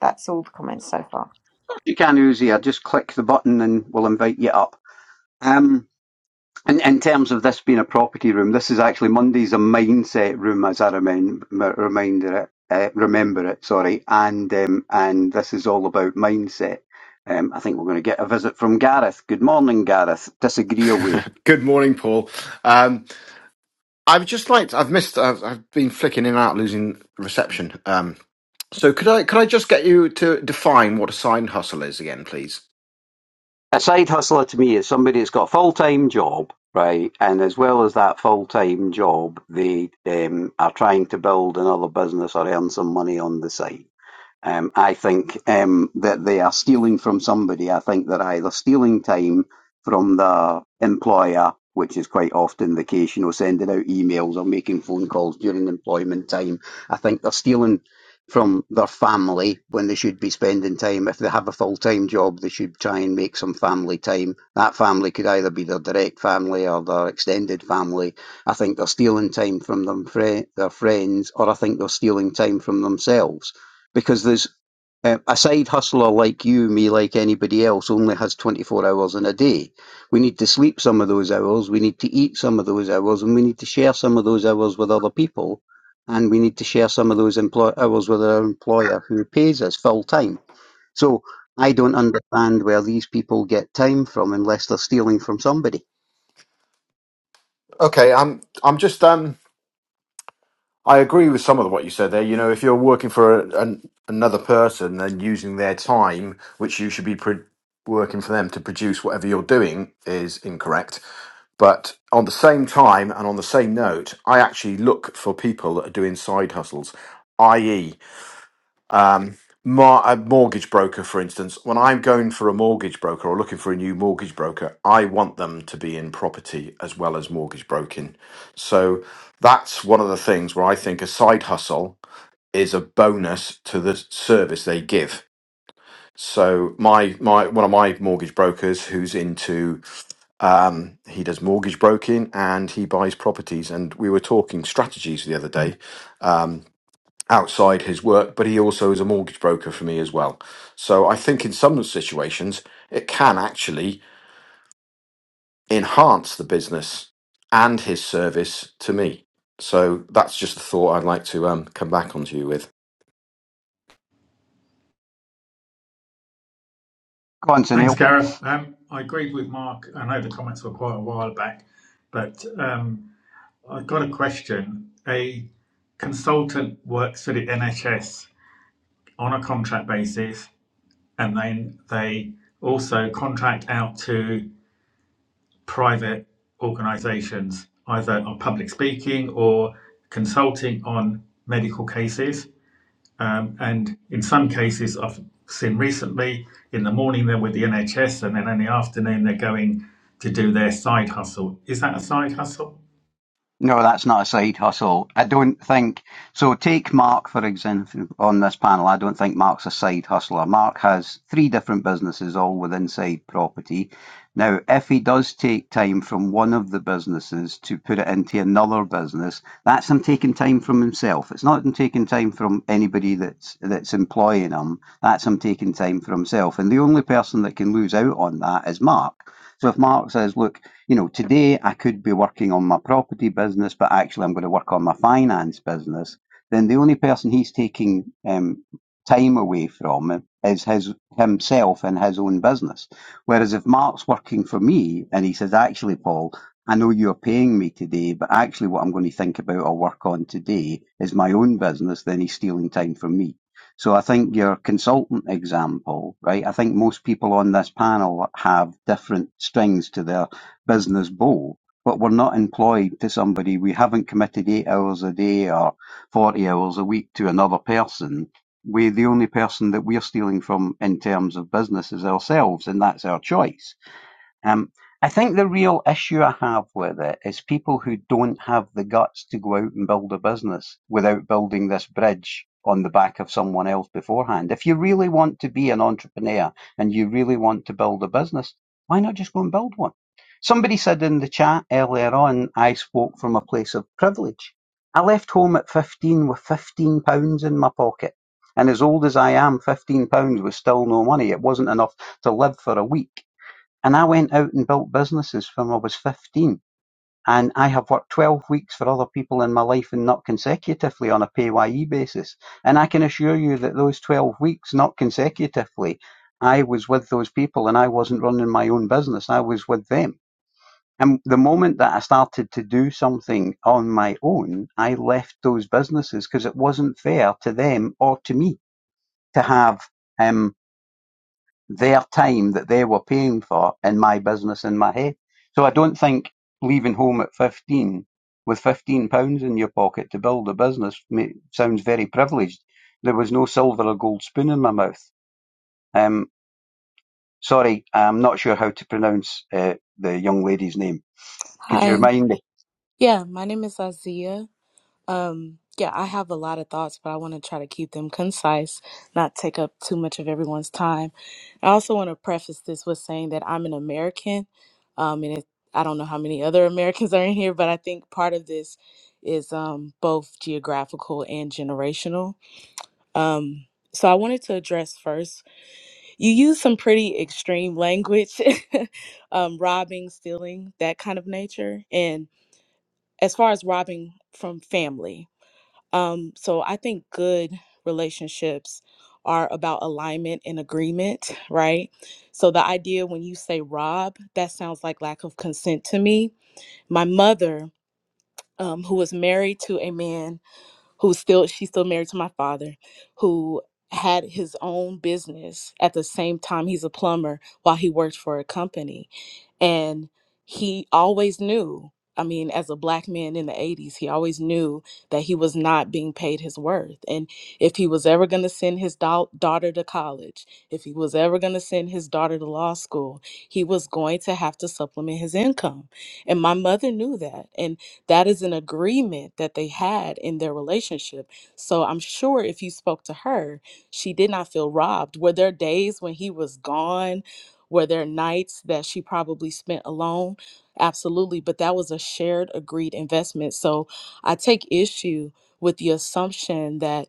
C: That's all the comments so far.
D: You can, Uzi. I just click the button and we'll invite you up. Um, in, in terms of this being a property room, this is actually Monday's a mindset room, as I remind, reminder it, uh, remember it. Sorry, and um, and this is all about mindset. Um, I think we're going to get a visit from Gareth. Good morning, Gareth. Disagree away.
G: Good morning, Paul. Um, I've just like I've missed. I've, I've been flicking in and out, losing reception. Um, so could I could I just get you to define what a side hustle is again, please?
D: A side hustler to me is somebody that's got a full time job, right? And as well as that full time job, they um, are trying to build another business or earn some money on the side Um, I think um, that they are stealing from somebody. I think they're either stealing time from the employer, which is quite often the case, you know, sending out emails or making phone calls during employment time. I think they're stealing from their family when they should be spending time. If they have a full time job, they should try and make some family time. That family could either be their direct family or their extended family. I think they're stealing time from them, fri their friends, or I think they're stealing time from themselves because there's um, a side hustler like you, me, like anybody else, only has 24 hours in a day. We need to sleep some of those hours, we need to eat some of those hours, and we need to share some of those hours with other people, and we need to share some of those employ- hours with our employer who pays us full time. So I don't understand where these people get time from unless they're stealing from somebody.
G: Okay, I'm I'm just um I agree with some of what you said there. You know, if you're working for a, an, another person and using their time, which you should be pro- working for them to produce whatever you're doing, is incorrect. But on the same time and on the same note, I actually look for people that are doing side hustles, i.e., um, mar- a mortgage broker, for instance, when I'm going for a mortgage broker or looking for a new mortgage broker, I want them to be in property as well as mortgage broking. So that's one of the things where I think a side hustle is a bonus to the service they give. So my my one of my mortgage brokers who's into um, he does mortgage broking and he buys properties and we were talking strategies the other day outside his work, but he also is a mortgage broker for me as well. So I think in some situations, it can actually enhance the business and his service to me. So that's just a thought I'd like to um, come back onto you with.
D: Go on, Sunil.
A: Thanks, Gareth. Um, I agreed with Mark. I know the comments were quite a while back, but um, I've got a question. A consultant works for the NHS on a contract basis, and then they also contract out to private organisations, either on public speaking or consulting on medical cases. Um, and in some cases, I've seen recently, in the morning they're with the NHS, and then in the afternoon they're going to do their side hustle. Is that a side hustle?
D: No, that's not a side hustle. I don't think so. Take Mark, for example, on this panel. I don't think Mark's a side hustler. Mark has three different businesses, all with inside property. Now, if he does take time from one of the businesses to put it into another business, that's him taking time from himself. It's not him taking time from anybody that's that's employing him. That's him taking time for himself. And the only person that can lose out on that is Mark. So if Mark says, look, you know, today I could be working on my property business, but actually I'm going to work on my finance business, then the only person he's taking um, time away from is his himself and his own business. Whereas if Mark's working for me and he says, actually, Paul, I know you're paying me today, but actually what I'm going to think about or work on today is my own business, then he's stealing time from me. So I think your consultant example, right? I think most people on this panel have different strings to their business bowl, but we're not employed to somebody. We haven't committed eight hours a day or 40 hours a week to another person. We, the only person that we're stealing from in terms of business is ourselves, and that's our choice. Um, I think the real issue I have with it is people who don't have the guts to go out and build a business without building this bridge on the back of someone else beforehand. If you really want to be an entrepreneur and you really want to build a business, why not just go and build one? Somebody said in the chat earlier on, I spoke from a place of privilege. I left home at 15 with 15 pounds in my pocket. And as old as I am, 15 pounds was still no money. It wasn't enough to live for a week. And I went out and built businesses from I was 15. And I have worked 12 weeks for other people in my life and not consecutively on a pay ye basis. And I can assure you that those 12 weeks, not consecutively, I was with those people and I wasn't running my own business. I was with them. And the moment that I started to do something on my own, I left those businesses because it wasn't fair to them or to me to have um their time that they were paying for in my business in my head. So I don't think leaving home at 15 with 15 pounds in your pocket to build a business ma- sounds very privileged. There was no silver or gold spoon in my mouth. Um, sorry, I'm not sure how to pronounce uh, the young lady's name. Could you
H: Hi.
D: remind me?
H: Yeah, my name is Azia. Um, yeah, I have a lot of thoughts, but I want to try to keep them concise, not take up too much of everyone's time. I also want to preface this with saying that I'm an American, um, and it, I don't know how many other Americans are in here, but I think part of this is um, both geographical and generational. Um, so I wanted to address first. You use some pretty extreme language, um, robbing, stealing, that kind of nature, and as far as robbing from family um so i think good relationships are about alignment and agreement right so the idea when you say rob that sounds like lack of consent to me my mother um, who was married to a man who's still she's still married to my father who had his own business at the same time he's a plumber while he worked for a company and he always knew, I mean, as a black man in the 80s, he always knew that he was not being paid his worth. And if he was ever going to send his dau- daughter to college, if he was ever going to send his daughter to law school, he was going to have to supplement his income. And my mother knew that. And that is an agreement that they had in their relationship. So I'm sure if you spoke to her, she did not feel robbed. Were there days when he was gone? Were there nights that she probably spent alone? Absolutely, but that was a shared, agreed investment. So I take issue with the assumption that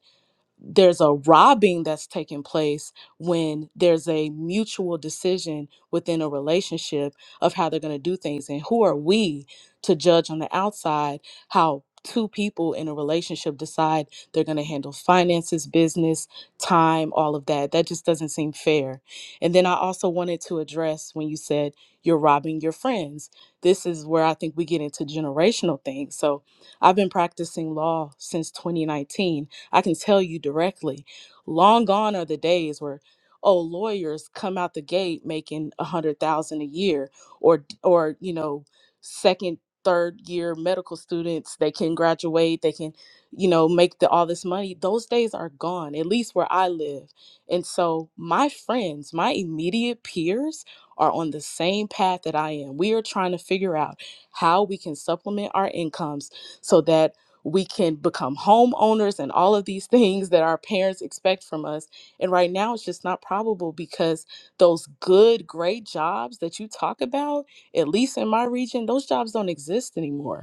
H: there's a robbing that's taking place when there's a mutual decision within a relationship of how they're going to do things and who are we to judge on the outside how two people in a relationship decide they're going to handle finances business time all of that that just doesn't seem fair and then i also wanted to address when you said you're robbing your friends this is where i think we get into generational things so i've been practicing law since 2019 I can tell you directly, long gone are the days where oh lawyers come out the gate making a hundred thousand a year or or you know second third year medical students they can graduate they can you know make the, all this money those days are gone at least where i live and so my friends my immediate peers are on the same path that i am we are trying to figure out how we can supplement our incomes so that we can become homeowners and all of these things that our parents expect from us. And right now, it's just not probable because those good, great jobs that you talk about, at least in my region, those jobs don't exist anymore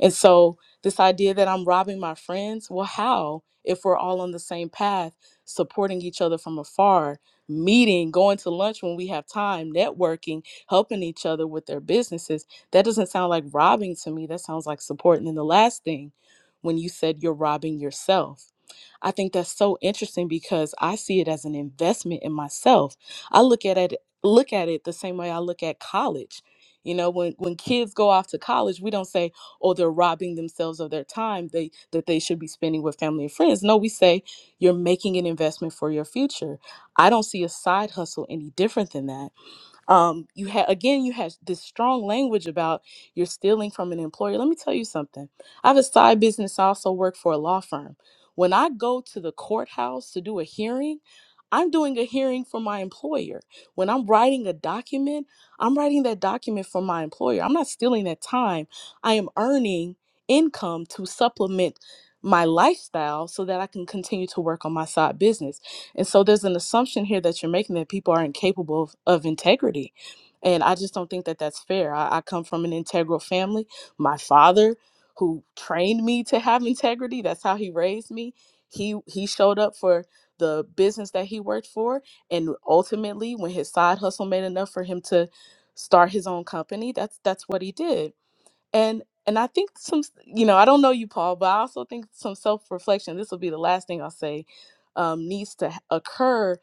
H: and so, this idea that I'm robbing my friends, well, how if we're all on the same path, supporting each other from afar, meeting, going to lunch when we have time, networking, helping each other with their businesses? That doesn't sound like robbing to me. That sounds like supporting. And then the last thing, when you said you're robbing yourself. I think that's so interesting because I see it as an investment in myself. I look at it look at it the same way I look at college. You know, when when kids go off to college, we don't say, "Oh, they're robbing themselves of their time they that they should be spending with family and friends." No, we say you're making an investment for your future. I don't see a side hustle any different than that um, you had again, you had this strong language about you're stealing from an employer. Let me tell you something. I have a side business. I also work for a law firm. When I go to the courthouse to do a hearing, I'm doing a hearing for my employer. When I'm writing a document, I'm writing that document for my employer. I'm not stealing that time. I am earning income to supplement my lifestyle so that I can continue to work on my side business. And so there's an assumption here that you're making that people are incapable of, of integrity. And I just don't think that that's fair. I, I come from an integral family. My father, who trained me to have integrity, that's how he raised me. He he showed up for the business that he worked for, and ultimately, when his side hustle made enough for him to start his own company, that's that's what he did and and i think some you know i don't know you paul but i also think some self-reflection this will be the last thing i'll say um, needs to ha- occur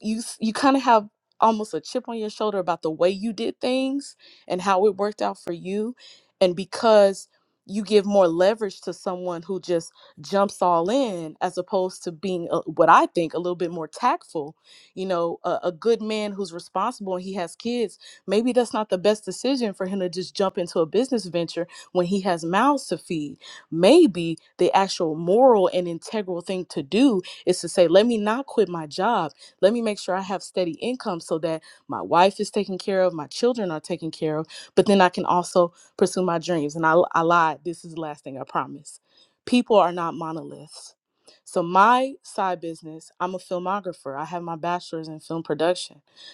H: you s- you kind of have almost a chip on your shoulder about the way you did things and how it worked out for you and because you give more leverage to someone who just jumps all in as opposed to being a, what i think a little bit more tactful you know a, a good man who's responsible and he has kids Maybe that's not the best decision for him to just jump into a business venture when he has mouths to feed. Maybe the actual moral and integral thing to do is to say, let me not quit my job. Let me make sure I have steady income so that my wife is taken care of, my children are taken care of, but then I can also pursue my dreams. And I, I lied. This is the last thing I promise. People are not monoliths. So my side business, I'm a filmographer. I have my bachelor's in film production.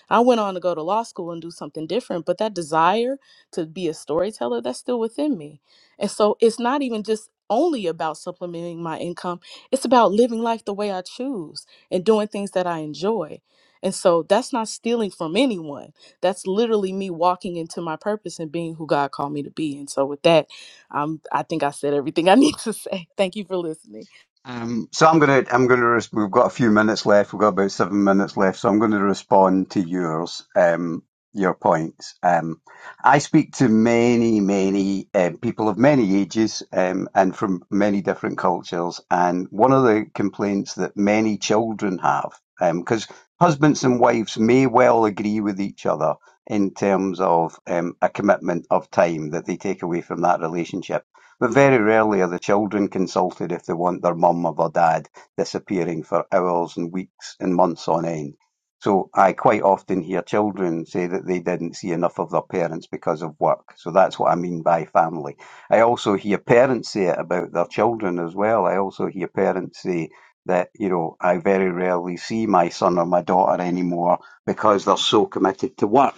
H: I went on to go to law school and do something different, but that desire to be a storyteller, that's still within me. And so it's not even just only about supplementing my income, it's about living life the way I choose and doing things that I enjoy. And so that's not stealing from anyone. That's literally me walking into my purpose and being who God called me to be. And so with that, um, I think I said everything I need to say. Thank you for listening.
D: Um, so I'm going to I'm going to res- we've got a few minutes left. We've got about seven minutes left, so I'm going to respond to yours um, your points. Um, I speak to many many um, people of many ages um, and from many different cultures, and one of the complaints that many children have because husbands and wives may well agree with each other in terms of um, a commitment of time that they take away from that relationship but very rarely are the children consulted if they want their mum or their dad disappearing for hours and weeks and months on end. So I quite often hear children say that they didn't see enough of their parents because of work. So that's what I mean by family. I also hear parents say it about their children as well. I also hear parents say that, you know, I very rarely see my son or my daughter anymore because they're so committed to work.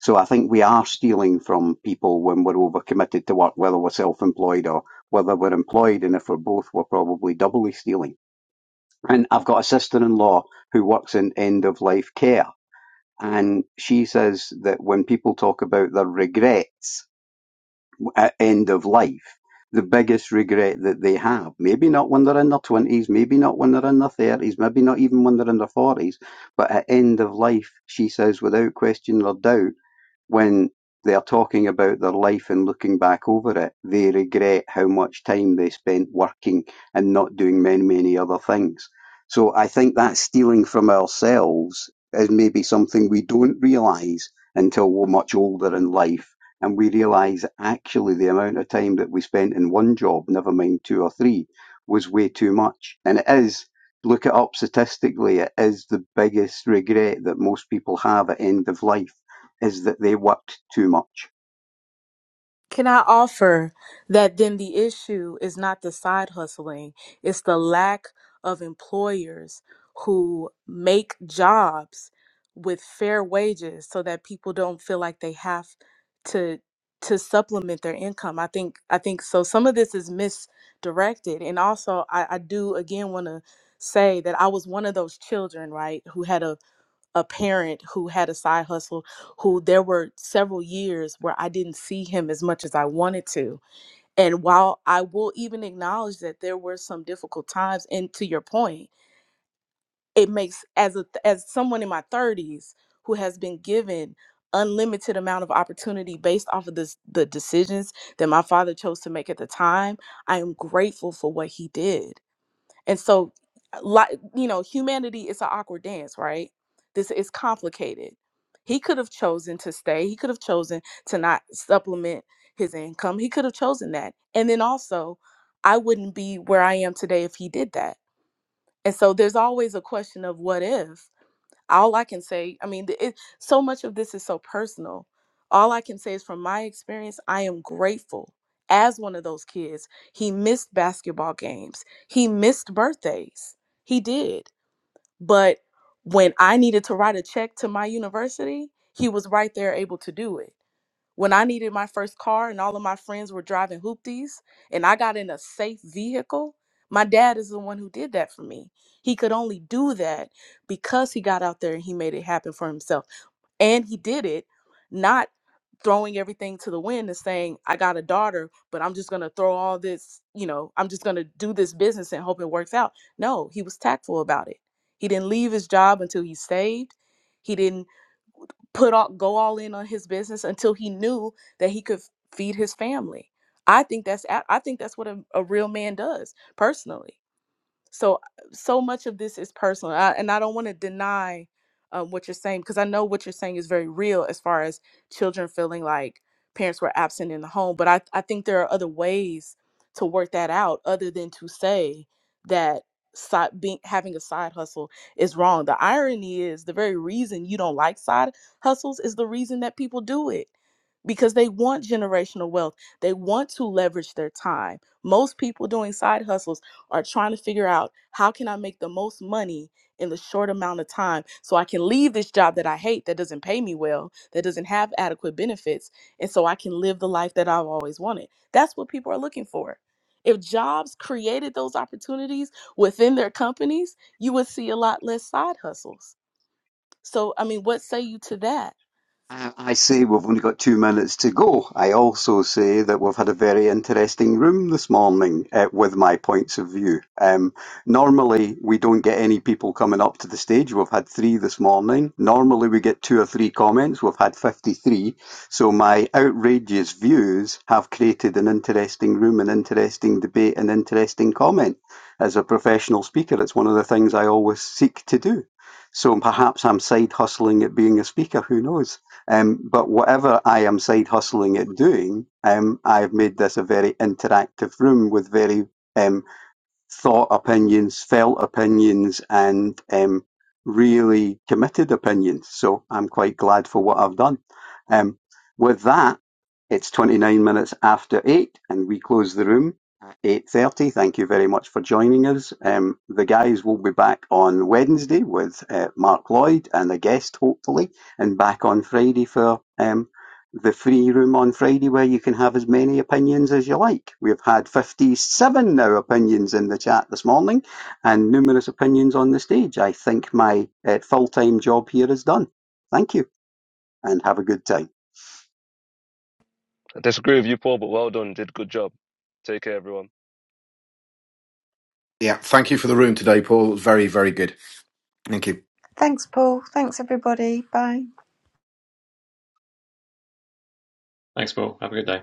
D: So I think we are stealing from people when we're overcommitted to work, whether we're self-employed or whether we're employed. And if we're both, we're probably doubly stealing. And I've got a sister-in-law who works in end-of-life care. And she says that when people talk about their regrets, at end of life, the biggest regret that they have, maybe not when they're in their 20s, maybe not when they're in their 30s, maybe not even when they're in their 40s, but at end of life, she says, without question or doubt, when they are talking about their life and looking back over it, they regret how much time they spent working and not doing many, many other things. So I think that stealing from ourselves is maybe something we don't realise until we're much older in life and we realize actually the amount of time that we spent in one job, never mind two or three, was way too much. And it is, look it up statistically, it is the biggest regret that most people have at end of life is that they worked too much.
H: Can I offer that then the issue is not the side hustling, it's the lack of employers who make jobs with fair wages so that people don't feel like they have to to supplement their income. I think I think so some of this is misdirected. And also I, I do again want to say that I was one of those children, right, who had a a parent who had a side hustle who there were several years where I didn't see him as much as I wanted to. And while I will even acknowledge that there were some difficult times and to your point, it makes as a as someone in my 30s who has been given unlimited amount of opportunity based off of this the decisions that my father chose to make at the time, I am grateful for what he did and so, uh, like you know, humanity is an awkward dance, right? This is complicated. He could have chosen to stay. He could have chosen to not supplement his income. He could have chosen that. And then also, I wouldn't be where I am today if he did that. And so there's always a question of what if all I can say, I mean, th- it, so much of this is so personal. All I can say is from my experience, I am grateful. As one of those kids, he missed basketball games, he missed birthdays. He did. But when I needed to write a check to my university, he was right there able to do it. When I needed my first car and all of my friends were driving hoopties and I got in a safe vehicle, my dad is the one who did that for me. He could only do that because he got out there and he made it happen for himself. And he did it not throwing everything to the wind and saying, I got a daughter, but I'm just going to throw all this, you know, I'm just going to do this business and hope it works out. No, he was tactful about it. He didn't leave his job until he saved. He didn't put all go all in on his business until he knew that he could feed his family. I think that's a- I think that's what a, a real man does personally so so much of this is personal I, and i don't want to deny um, what you're saying because i know what you're saying is very real as far as children feeling like parents were absent in the home but i, I think there are other ways to work that out other than to say that side, being, having a side hustle is wrong the irony is the very reason you don't like side hustles is the reason that people do it because they want generational wealth. They want to leverage their time. Most people doing side hustles are trying to figure out how can I make the most money in the short amount of time so I can leave this job that I hate that doesn't pay me well, that doesn't have adequate benefits, and so I can live the life that I've always wanted. That's what people are looking for. If jobs created those opportunities within their companies, you would see a lot less side hustles. So, I mean, what say you to that?
D: I say we've only got two minutes to go. I also say that we've had a very interesting room this morning uh, with my points of view. Um, normally, we don't get any people coming up to the stage. We've had three this morning. Normally, we get two or three comments. We've had 53. So, my outrageous views have created an interesting room, an interesting debate, an interesting comment. As a professional speaker, it's one of the things I always seek to do. So perhaps I'm side hustling at being a speaker, who knows? Um, but whatever I am side hustling at doing, um, I've made this a very interactive room with very um, thought opinions, felt opinions, and um, really committed opinions. So I'm quite glad for what I've done. Um, with that, it's 29 minutes after eight, and we close the room at 8:30. Thank you very much for joining us. Um, the guys will be back on Wednesday with uh, Mark Lloyd and a guest, hopefully, and back on Friday for. um, the free room on Friday where you can have as many opinions as you like. We've had 57 now opinions in the chat this morning and numerous opinions on the stage. I think my uh, full time job here is done. Thank you and have a good time.
F: I disagree with you Paul but well done did a good job take care everyone
G: Yeah, thank you for the room today, Paul. It was very, very good. Thank you.
C: Thanks, Paul. Thanks, everybody. Bye.
B: that. Thanks, Paul. Have a good day.